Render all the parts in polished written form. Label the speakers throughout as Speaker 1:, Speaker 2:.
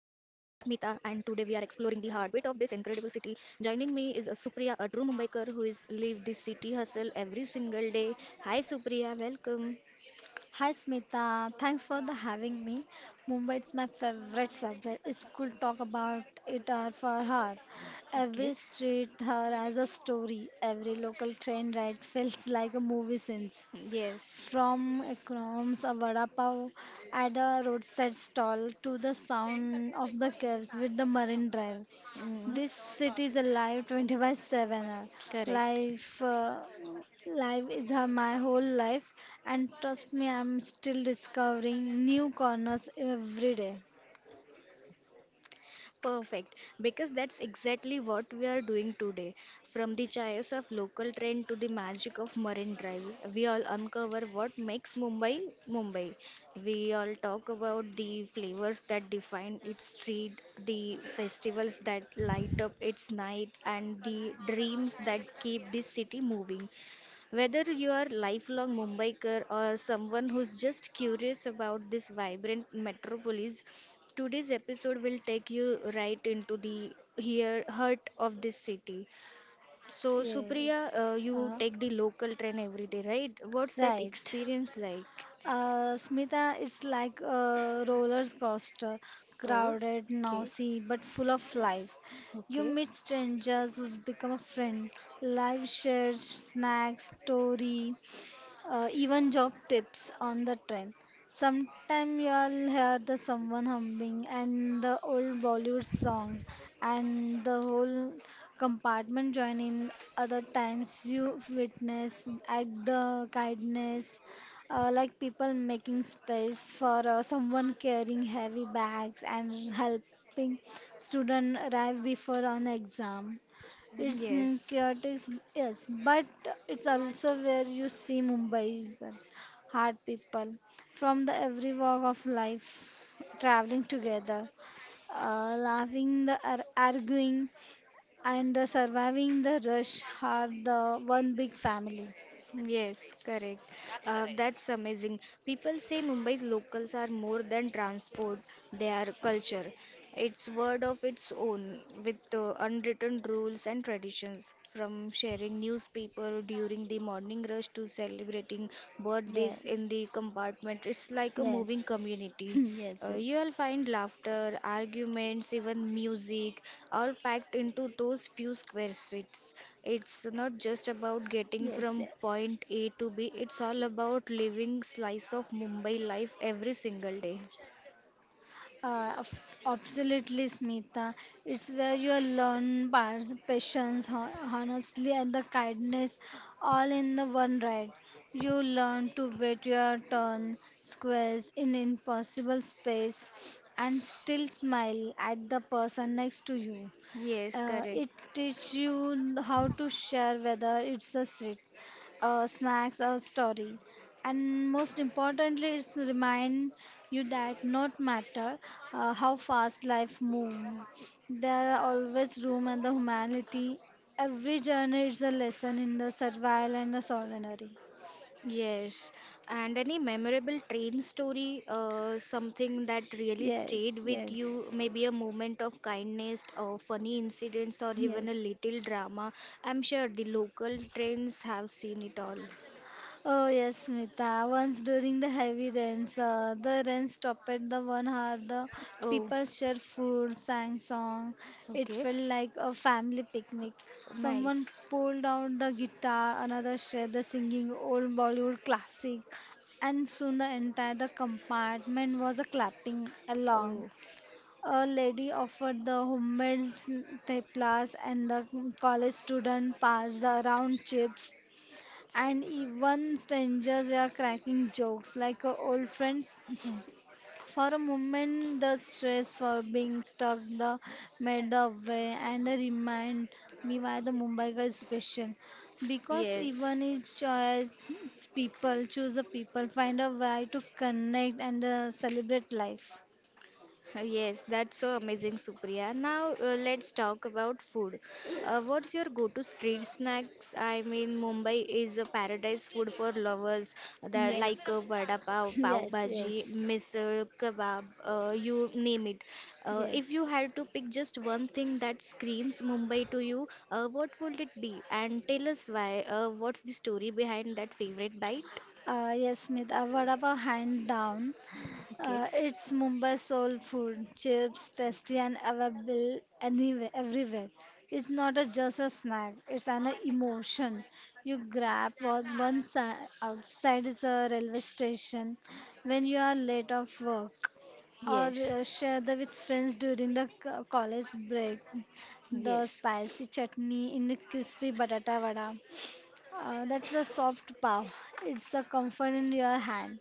Speaker 1: heartbeat of this incredible city. Joining me is Supriya, a true Mumbaiker who is live the city hustle every single day. Hi Supriya, welcome.
Speaker 2: Hi Smita, thanks for the having me. Mumbai is my favorite subject. School talk about it hour for hour. Every
Speaker 1: Okay.
Speaker 2: street here has a story. Every local train ride feels like a movie scene.
Speaker 1: Yes.
Speaker 2: From Ekram's a vada pav at a roadside stall to the sound of the caves with the marine drive.
Speaker 1: Mm,
Speaker 2: This city is alive 24/7.
Speaker 1: correct.
Speaker 2: Life, uh, life is my whole life, and trust me, I'm still discovering new corners every day.
Speaker 1: Perfect, because that's exactly what we are doing today. From the chaos of local train to the magic of Marine Drive, we all uncover what makes Mumbai Mumbai. We all talk about the flavors that define its street, the festivals that light up its night, and the dreams that keep this city moving. Whether you are lifelong Mumbaiker or someone who's just curious about this vibrant metropolis, today's episode will take you right into the here heart of this city. So, Supriya,
Speaker 2: Yes,
Speaker 1: you take the local train every day, right? What's that
Speaker 2: right.
Speaker 1: experience like?
Speaker 2: Smita, it's like a roller coaster,
Speaker 1: Oh,
Speaker 2: crowded,
Speaker 1: okay,
Speaker 2: noisy, but full of life. You
Speaker 1: okay,
Speaker 2: meet strangers who become a friend. Life shares snacks, story, even job tips on the train. Sometime you'll hear the someone humming and the old Bollywood song, and the whole compartment joining. Other times you witness at the kindness like people making space for someone carrying heavy bags and helping student arrive before an exam. It's
Speaker 1: yes.
Speaker 2: chaotic, yes, but it's also where you see Mumbaikers, hard people from the every walk of life traveling together, laughing, arguing, and surviving the rush are the one big family.
Speaker 1: Yes, correct. That's amazing. People say Mumbai's locals are more than transport, they are culture. It's word of its own with unwritten rules and traditions. From sharing newspaper during the morning rush to celebrating birthdays in the
Speaker 2: Yes.
Speaker 1: compartment. It's like a moving
Speaker 2: Yes.
Speaker 1: community.
Speaker 2: Yes, yes.
Speaker 1: You'll find laughter, arguments, even music, all packed into those few square streets. It's not just about getting
Speaker 2: Yes,
Speaker 1: from
Speaker 2: yes.
Speaker 1: point A to B, it's all about living slice of Mumbai life every single day.
Speaker 2: Absolutely, Smita. It's where you learn patience, honestly, and the kindness all in the one ride. You learn to wait your turn, squares in impossible space, and still smile at the person next to you.
Speaker 1: Yes,
Speaker 2: Uh,
Speaker 1: correct.
Speaker 2: it teaches you how to share, whether it's a street, snacks, or story. And most importantly, it's remind you that not matter how fast life moves, there are always room and the humanity. Every journey is a lesson in the survival and the solidarity.
Speaker 1: Yes, and any memorable train story, something that really
Speaker 2: Yes,
Speaker 1: stayed with
Speaker 2: yes,
Speaker 1: you, maybe a moment of kindness, or funny incidents, or
Speaker 2: yes.
Speaker 1: even a little drama. I'm sure the local trains have seen it all.
Speaker 2: Oh yes, Smita. Once during the heavy rains, the rain stopped at the 1 hour. The
Speaker 1: Oh,
Speaker 2: people shared food, sang song. It
Speaker 1: okay,
Speaker 2: felt like a family picnic. Someone
Speaker 1: nice.
Speaker 2: pulled out the guitar, another shared the singing old Bollywood classic, and soon the entire the compartment was a clapping along.
Speaker 1: Oh,
Speaker 2: A lady offered the homemade teplas, and the college student passed the round chips and even strangers were cracking jokes like old friends. For a moment, the stress for being stuck the made the way and remind me why the Mumbai girl is special. Because
Speaker 1: yes.
Speaker 2: even if choice people choose the people, find a way to connect and celebrate life.
Speaker 1: Yes, that's so amazing, Supriya. Now let's talk about food. What's your go-to street snacks? I mean, Mumbai is a paradise food for lovers. That like
Speaker 2: Yes,
Speaker 1: vada pav, pav
Speaker 2: yes,
Speaker 1: bhaji,
Speaker 2: yes,
Speaker 1: misal, kebab, you name it. If
Speaker 2: yes.
Speaker 1: you had to pick just one thing that screams Mumbai to you, what would it be? And tell us why. What's the story behind that favorite bite?
Speaker 2: Yes, Smith, a vada pav hand down.
Speaker 1: Okay.
Speaker 2: It's Mumbai soul food, chips, tasty and available anywhere, everywhere. It's not just a snack, it's an emotion. You grab what one side, outside is a railway station when you are late of work or
Speaker 1: Yes.
Speaker 2: share the with friends during the college break. The
Speaker 1: Yes.
Speaker 2: spicy chutney in the crispy batata vada that's the soft paw. It's the comfort in your hand.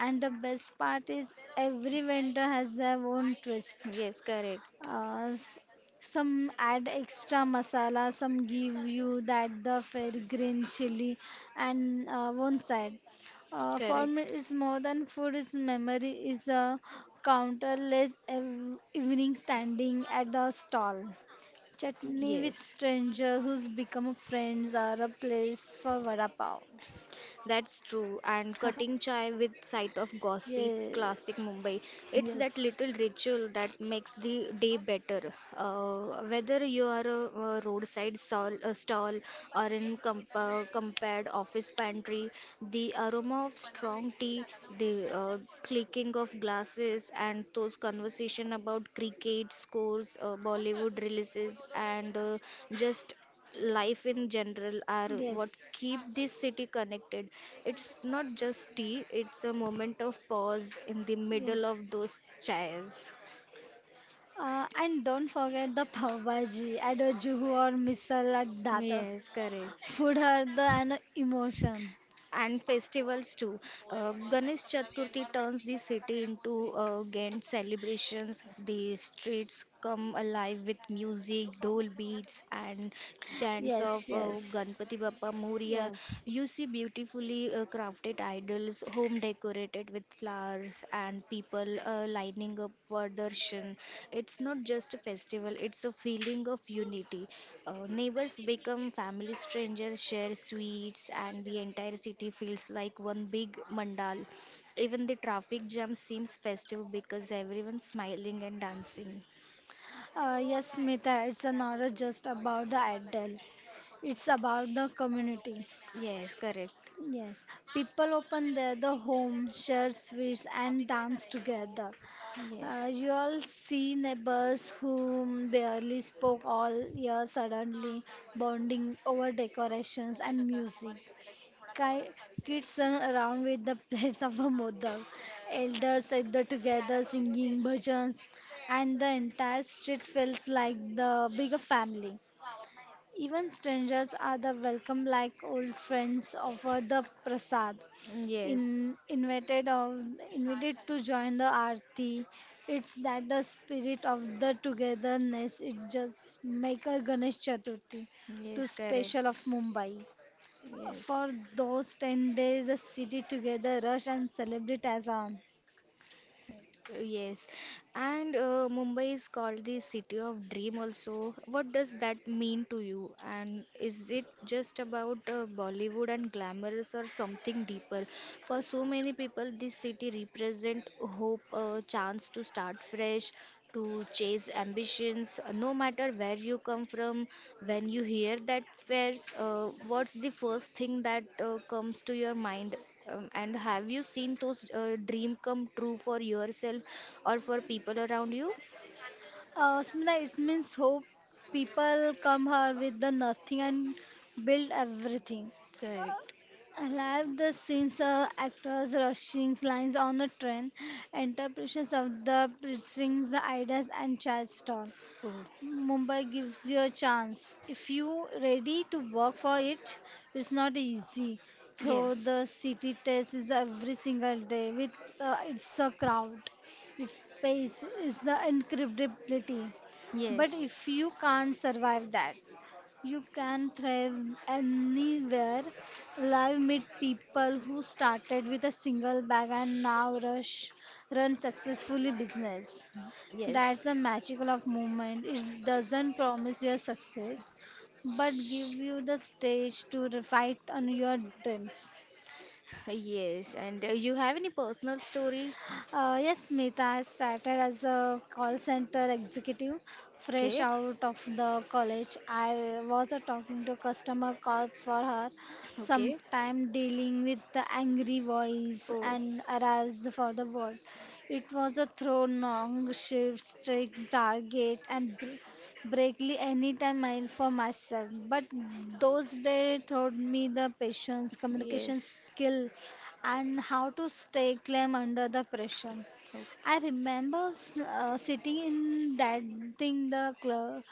Speaker 2: And the best part is every vendor has their own twist.
Speaker 1: Yes. Correct.
Speaker 2: Uh, s- some add extra masala, some give you that the fair green chili and one side. For me,
Speaker 1: Correct.
Speaker 2: it's more than food, it's memory, is a countless evening standing at a stall. Chutney with
Speaker 1: Yes,
Speaker 2: stranger who's become friends are a place for vada pav.
Speaker 1: that's true. And cutting chai with sight of gossip,
Speaker 2: yes,
Speaker 1: classic Mumbai. It's that
Speaker 2: yes,
Speaker 1: little ritual that makes the day better. Whether you are a roadside stall, a stall or in comp compared office pantry, the aroma of strong tea, the clicking of glasses, and those conversation about cricket scores, Bollywood releases, and just life in general are what
Speaker 2: yes,
Speaker 1: keep this city connected. It's not just tea, it's a moment of pause in the middle
Speaker 2: yes.
Speaker 1: of those chairs.
Speaker 2: And don't forget the pav bhaji at a Juhu or misal at Data.
Speaker 1: Yes, correct.
Speaker 2: Food are the an emotion.
Speaker 1: And festivals too. Ganesh Chaturthi turns the city into grand celebrations. The streets come alive with music, dole beats, and chants of
Speaker 2: Yes, yes,
Speaker 1: Ganpati Bappa Moria.
Speaker 2: yes.
Speaker 1: You see beautifully crafted idols, home decorated with flowers, and people lining up for darshan. It's not just a festival, it's a feeling of unity. Neighbors become family strangers, share sweets, and the entire city feels like one big mandal. Even the traffic jam seems festive because everyone's smiling and dancing.
Speaker 2: Yes, Mita, it's not just about the idol. It's about the community.
Speaker 1: Yes, correct.
Speaker 2: Yes, people open their the home, share sweets, and dance together.
Speaker 1: Yes.
Speaker 2: You all see neighbors who barely spoke all year suddenly bonding over decorations and music. Ki- Kids run around with the plates of a mother. Elders sit there together singing bhajans, and the entire street feels like the bigger family. Even strangers are the welcome like old friends offer the prasad.
Speaker 1: Yes.
Speaker 2: In, invited of invited to join the arti. It's that the spirit of the togetherness. It just make our Ganesh Chaturthi to
Speaker 1: Yes, correct.
Speaker 2: special of Mumbai.
Speaker 1: Yes.
Speaker 2: For those 10 days, the city together rush and celebrate as on.
Speaker 1: Yes, and Mumbai is called the city of dream also. What does that mean to you? And is it just about Bollywood and glamorous or something deeper? For so many people, this city represent hope, a chance to start fresh, to chase ambitions, no matter where you come from. When you hear that phrase, what's the first thing that comes to your mind? And have you seen those dream come true for yourself or for people around you?
Speaker 2: Smita, it means hope people come here with the nothing and build everything.
Speaker 1: Correct.
Speaker 2: I love the scenes of actors rushing lines on a train, interpretations of the precincts, the ideas, and Charleston.
Speaker 1: Oh,
Speaker 2: Mumbai gives you a chance. If you ready to work for it, it's not easy. Though
Speaker 1: yes.
Speaker 2: the city test is every single day with its a crowd, its pace, is the incredibility. But
Speaker 1: Yes.
Speaker 2: if you can't survive that, you can thrive anywhere. Live meet people who started with a single bag and now rush run successfully business.
Speaker 1: Yes,
Speaker 2: That's the magical of movement. It doesn't promise you a success, but give you the stage to fight on your dreams.
Speaker 1: yes. And you have any personal story?
Speaker 2: Yes, Smita, I started as a call center executive fresh
Speaker 1: Okay,
Speaker 2: out of the college. I was talking to customer calls for her,
Speaker 1: okay.
Speaker 2: sometime dealing with the angry voice
Speaker 1: Oh,
Speaker 2: and aroused for the world. It was a throw long shifts, strict target, and Brakely anytime mile for myself. But those days taught me the patience, communication
Speaker 1: yes.
Speaker 2: skill, and how to stay calm under the pressure. I remember sitting in that thing, the club,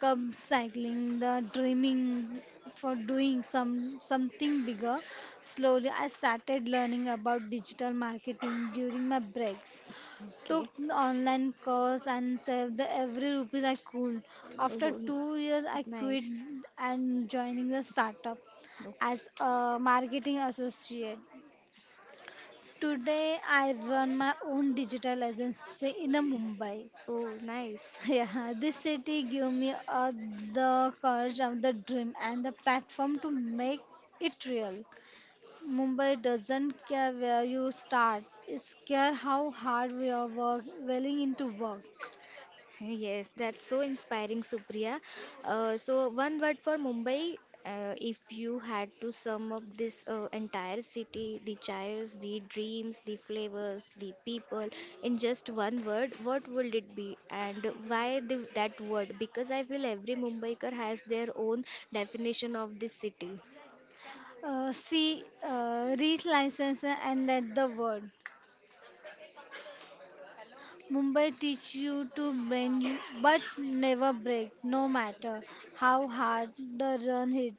Speaker 2: club cycling, the dreaming for doing something bigger. Slowly, I started learning about digital marketing during my breaks
Speaker 1: Okay, okay.
Speaker 2: took the online course and saved the every rupees I could. After
Speaker 1: Oh,
Speaker 2: 2 years, I quit
Speaker 1: nice.
Speaker 2: and joining the startup as a marketing associate. Today, I run my own digital agency in a Mumbai.
Speaker 1: Oh, nice.
Speaker 2: Yeah, this city gave me the courage of the dream and the platform to make it real. Mumbai doesn't care where you start, it care how hard we are work, willing into work.
Speaker 1: Yes, that's so inspiring, Supriya. So, one word for Mumbai. If you had to sum up this entire city, the chaos, the dreams, the flavors, the people, in just one word, what would it be? And why that word? Because I feel every Mumbaiker has their own definition of this city.
Speaker 2: See, reach license and let the world. Mumbai teach you to bend you, but never break, no matter how hard the run hit,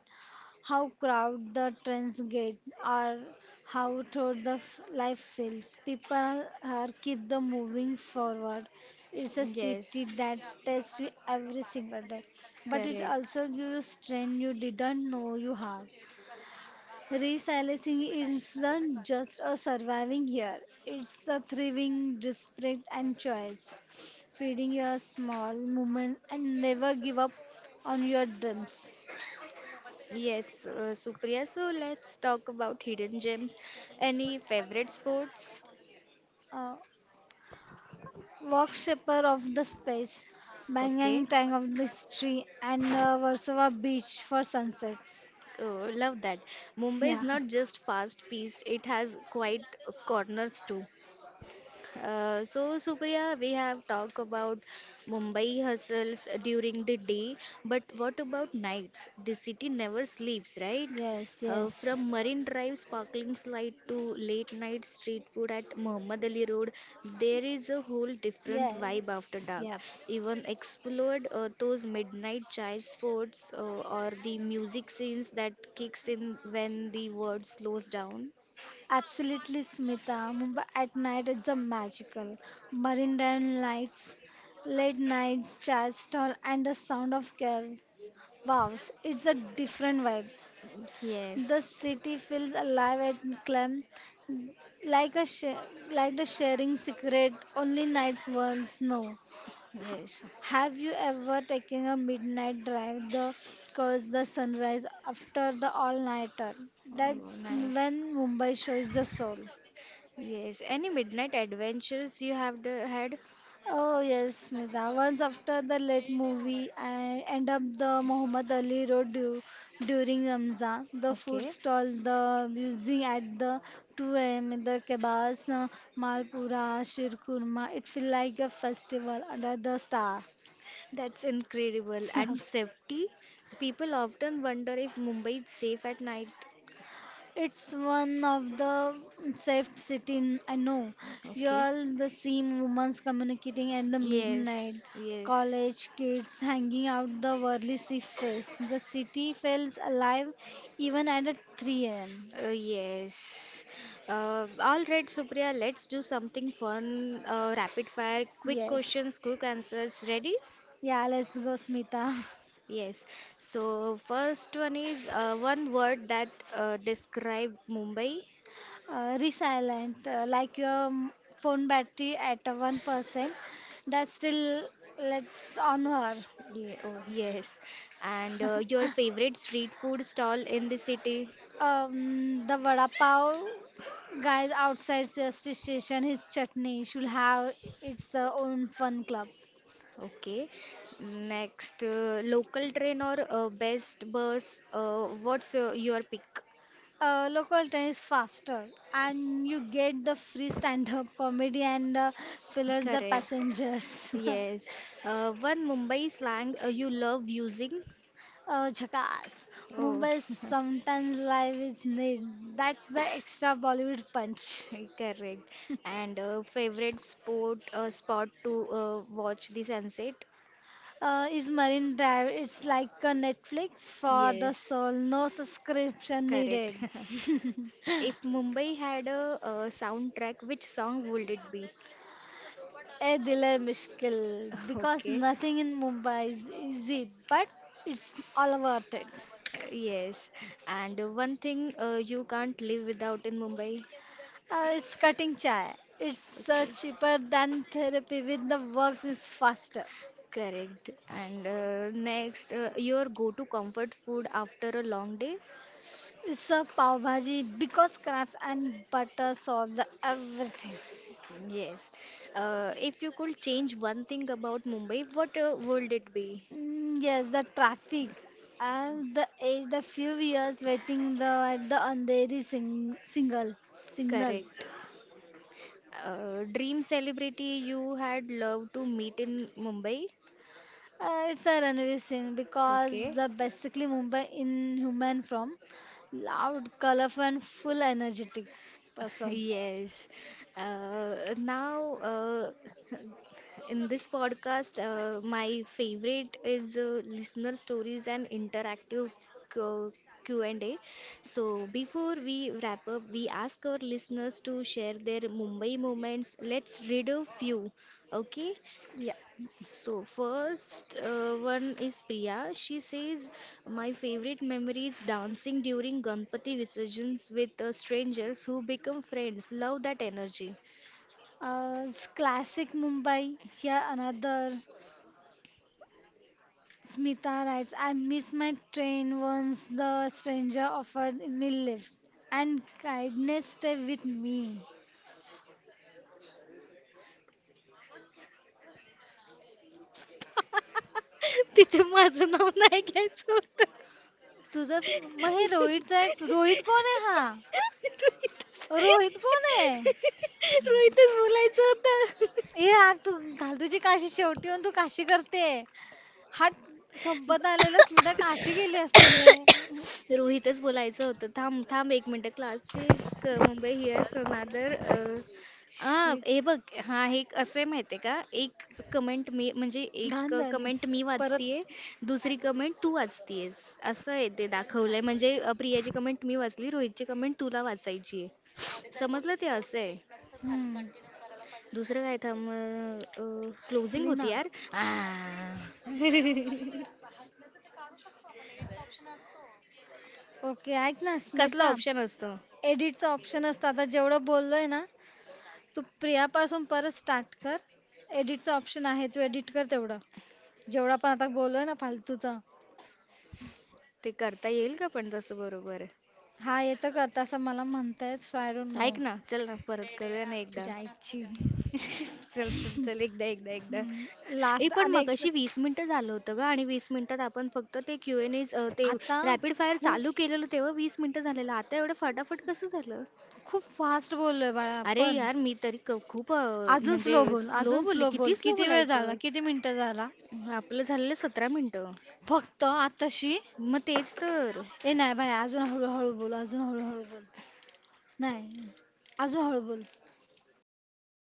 Speaker 2: how crowd the trains get, or how through the life feels. People are keep the moving forward. It's a city
Speaker 1: Yes,
Speaker 2: that tests you every single day, but it
Speaker 1: correct.
Speaker 2: also gives you strength you didn't know you had. Resiliency isn't just a surviving year, it's the thriving, desperate, and choice. Feeding your small movements and never give up on your dreams.
Speaker 1: Yes, Supriya. So let's talk about hidden gems. Any favorite sports?
Speaker 2: Uh, Walk Shaper of the Space,
Speaker 1: Okay,
Speaker 2: Bangang Tang of the Tree, and Warsaw Beach for sunset.
Speaker 1: oh, love that. Mumbai is
Speaker 2: Yeah,
Speaker 1: not just fast-paced, it has quiet corners too. So, Supriya, we have talked about Mumbai hustles during the day, but what about nights? The city never sleeps, right?
Speaker 2: yes,
Speaker 1: From
Speaker 2: yes,
Speaker 1: Marine Drive sparkling light to late night street food at Muhammad Ali Road, there is a whole different vibe after
Speaker 2: yes,
Speaker 1: dark.
Speaker 2: yep.
Speaker 1: Even explored those midnight chai spots or the music scenes that kicks in when the world slows down.
Speaker 2: Absolutely, Smita. Mumbai at night is a magical. Marine Drive lights, late nights, chai stall, and the sound of car. Wow, it's a different vibe. The
Speaker 1: Yes,
Speaker 2: city feels alive and calm, like the sharing secret only nights once know.
Speaker 1: yes.
Speaker 2: Have you ever taken a midnight drive the cause the sunrise after the all nighter?
Speaker 1: Oh,
Speaker 2: That's
Speaker 1: nice.
Speaker 2: when Mumbai shows the soul.
Speaker 1: Yes, any midnight adventures you have had?
Speaker 2: Oh yes, Smita. Once after the late movie, I end up the Muhammad Ali Road during Ramzan. The food
Speaker 1: Okay,
Speaker 2: stall, the music at the 2 a.m. The kebabs, malpura, shirkurma. It feel like a festival under the star.
Speaker 1: that's incredible. And safety? People often wonder if Mumbai is safe at night.
Speaker 2: It's one of the safe city I know. You
Speaker 1: Okay.
Speaker 2: all the same women communicating at the midnight.
Speaker 1: Yes, yes,
Speaker 2: College kids hanging out the worldly sea face. The city feels alive even at a 3 a.m.
Speaker 1: yes. All right, Supriya, let's do something fun. Rapid fire, quick
Speaker 2: Yes.
Speaker 1: questions, quick answers. Ready?
Speaker 2: Yeah, let's go, Smita.
Speaker 1: Yes. So, first one is one word that describe Mumbai.
Speaker 2: Resilient, like your phone battery at a 1%. That's still, let's on her.
Speaker 1: Oh, yes. And your favorite street food stall in the city?
Speaker 2: The vada pav guys outside CST station, his chutney should have its own fun club.
Speaker 1: Okay. Next, local train or best bus? What's your pick?
Speaker 2: Local train is faster, and you get the free stand-up comedy and filler the
Speaker 1: Correct.
Speaker 2: passengers.
Speaker 1: Yes. One Mumbai slang you love using?
Speaker 2: Jackass.
Speaker 1: Oh,
Speaker 2: Mumbai sometimes life is need. That's the extra Bollywood punch.
Speaker 1: correct. And favorite sport spot to watch the sunset?
Speaker 2: Is Marine Drive. It's like a Netflix for the
Speaker 1: Yes.
Speaker 2: soul. No subscription
Speaker 1: Correct.
Speaker 2: needed.
Speaker 1: If Mumbai had a soundtrack, which song would it be?
Speaker 2: A delay mushkil because
Speaker 1: Okay,
Speaker 2: nothing in Mumbai is easy, but it's all worth it.
Speaker 1: yes. And one thing you can't live without in Mumbai.
Speaker 2: It's cutting chai. It's
Speaker 1: Okay,
Speaker 2: cheaper than therapy with the work is faster.
Speaker 1: correct. And next, your go-to comfort food after a long day?
Speaker 2: It's a pav bhaji because crabs and butter solve the everything.
Speaker 1: Yes. If you could change one thing about Mumbai, what would it be?
Speaker 2: Yes, the traffic. And the age, the few years waiting the at the Andheri single signal.
Speaker 1: Correct. Dream celebrity you had loved to meet in Mumbai?
Speaker 2: It's a Ranveer Singh because
Speaker 1: Okay.
Speaker 2: the basically Mumbai in human form, loud, colorful, and full energetic person.
Speaker 1: Yes. Now, in this podcast, my favorite is listener stories and interactive Q- Q&A. So before we wrap up, we ask our listeners to share their Mumbai moments. Let's read a few. Okay.
Speaker 2: Yeah.
Speaker 1: So first one is Priya. She says, "My favorite memory is dancing during Ganpati Visarjans with strangers who become friends. Love that energy."
Speaker 2: It's classic Mumbai. Here another. Smita writes, I miss my train once the stranger offered me lift, and kindness stay with me.
Speaker 1: तिथे माझं नाव नाही घ्यायचं होतं
Speaker 2: तुझं मग हे Rohit rights Rohit कोण आहे हा रोहित कोण आहे
Speaker 1: रोहितच बोलायचं होतं.
Speaker 2: ए यार तू घाल तुझी काशी शेवटी येऊन तू काशी करते हात संपत आलेला सुद्धा काशी गेलीस तूने.
Speaker 1: रोहितच बोलायचं होतं, थांब थांब एक minute. Classic Mumbai here's another. हा
Speaker 2: शिट.
Speaker 1: हे बघ. हा हे एक असं आहे, माहिती आहे का, एक कमेंट मी, म्हणजे एक
Speaker 2: घाण झाली.
Speaker 1: कमेंट मी
Speaker 2: परत
Speaker 1: वाचतीये, दुसरी कमेंट तू वाचतीयेस. असं आहे ते दाखवलंय, म्हणजे अ, प्रियाची कमेंट मी वाचली, रोहितची कमेंट तुला वाचायची आहे, समजलं? ते असं आहे.
Speaker 2: हम्म.
Speaker 1: दुसरं काय, थांब, क्लोजिंग
Speaker 2: असली
Speaker 1: होती
Speaker 2: ना
Speaker 1: यार. आ,
Speaker 2: ओके ऐक ना स्मिता
Speaker 1: कसला ऑप्शन असतो?
Speaker 2: एडिटचं ऑप्शन असतं आता जेवढं बोललोय ना तू प्रियापासून परत स्टार्ट कर एडिटचं ऑप्शन आहे तू एडिट कर तेवढं जेवढा पण आता बोललोय ना फालतूचा
Speaker 1: ते करता येईल का? पण तसं बरोबर आहे.
Speaker 2: हा येतं करता असं मला म्हणतायत सो आय डोंट नो
Speaker 1: ऐक ना, चल ना, परत करूया ना एकदा.
Speaker 2: तुझ्या आईची
Speaker 1: चल चल चल, एकदा एकदा एकदा. ए
Speaker 2: लास्ट
Speaker 1: पण
Speaker 2: आणि एक
Speaker 1: मगाशी वीस मिनिटं झालं होतं ग, आणि वीस मिनिटात आपण फक्त ते क्यू एन ए, ते
Speaker 2: आता
Speaker 1: रॅपिड फायर
Speaker 2: खूप
Speaker 1: चालू केलेलं तेव्हा वीस मिनिटं झालेलं, आता एवढं फटाफट कसं झालं?
Speaker 2: खूप फास्ट बोललोय बाळा
Speaker 1: अरे
Speaker 2: आपण
Speaker 1: यार, मी तरी क- खूप अं, म्हणजे स्लो
Speaker 2: अजून
Speaker 1: बोलले.
Speaker 2: स्लो बोल
Speaker 1: किती स्लो
Speaker 2: किती वेळ झाला
Speaker 1: बोलायचं?
Speaker 2: किती मिनिटं झाला
Speaker 1: आपलं झालेलं सतरा मिनिटं.
Speaker 2: फक्त आताशी
Speaker 1: मग तेच तर.
Speaker 2: ए नाही बाय अजून हळूहळू बोल नाही नाही, अजून हळू बोल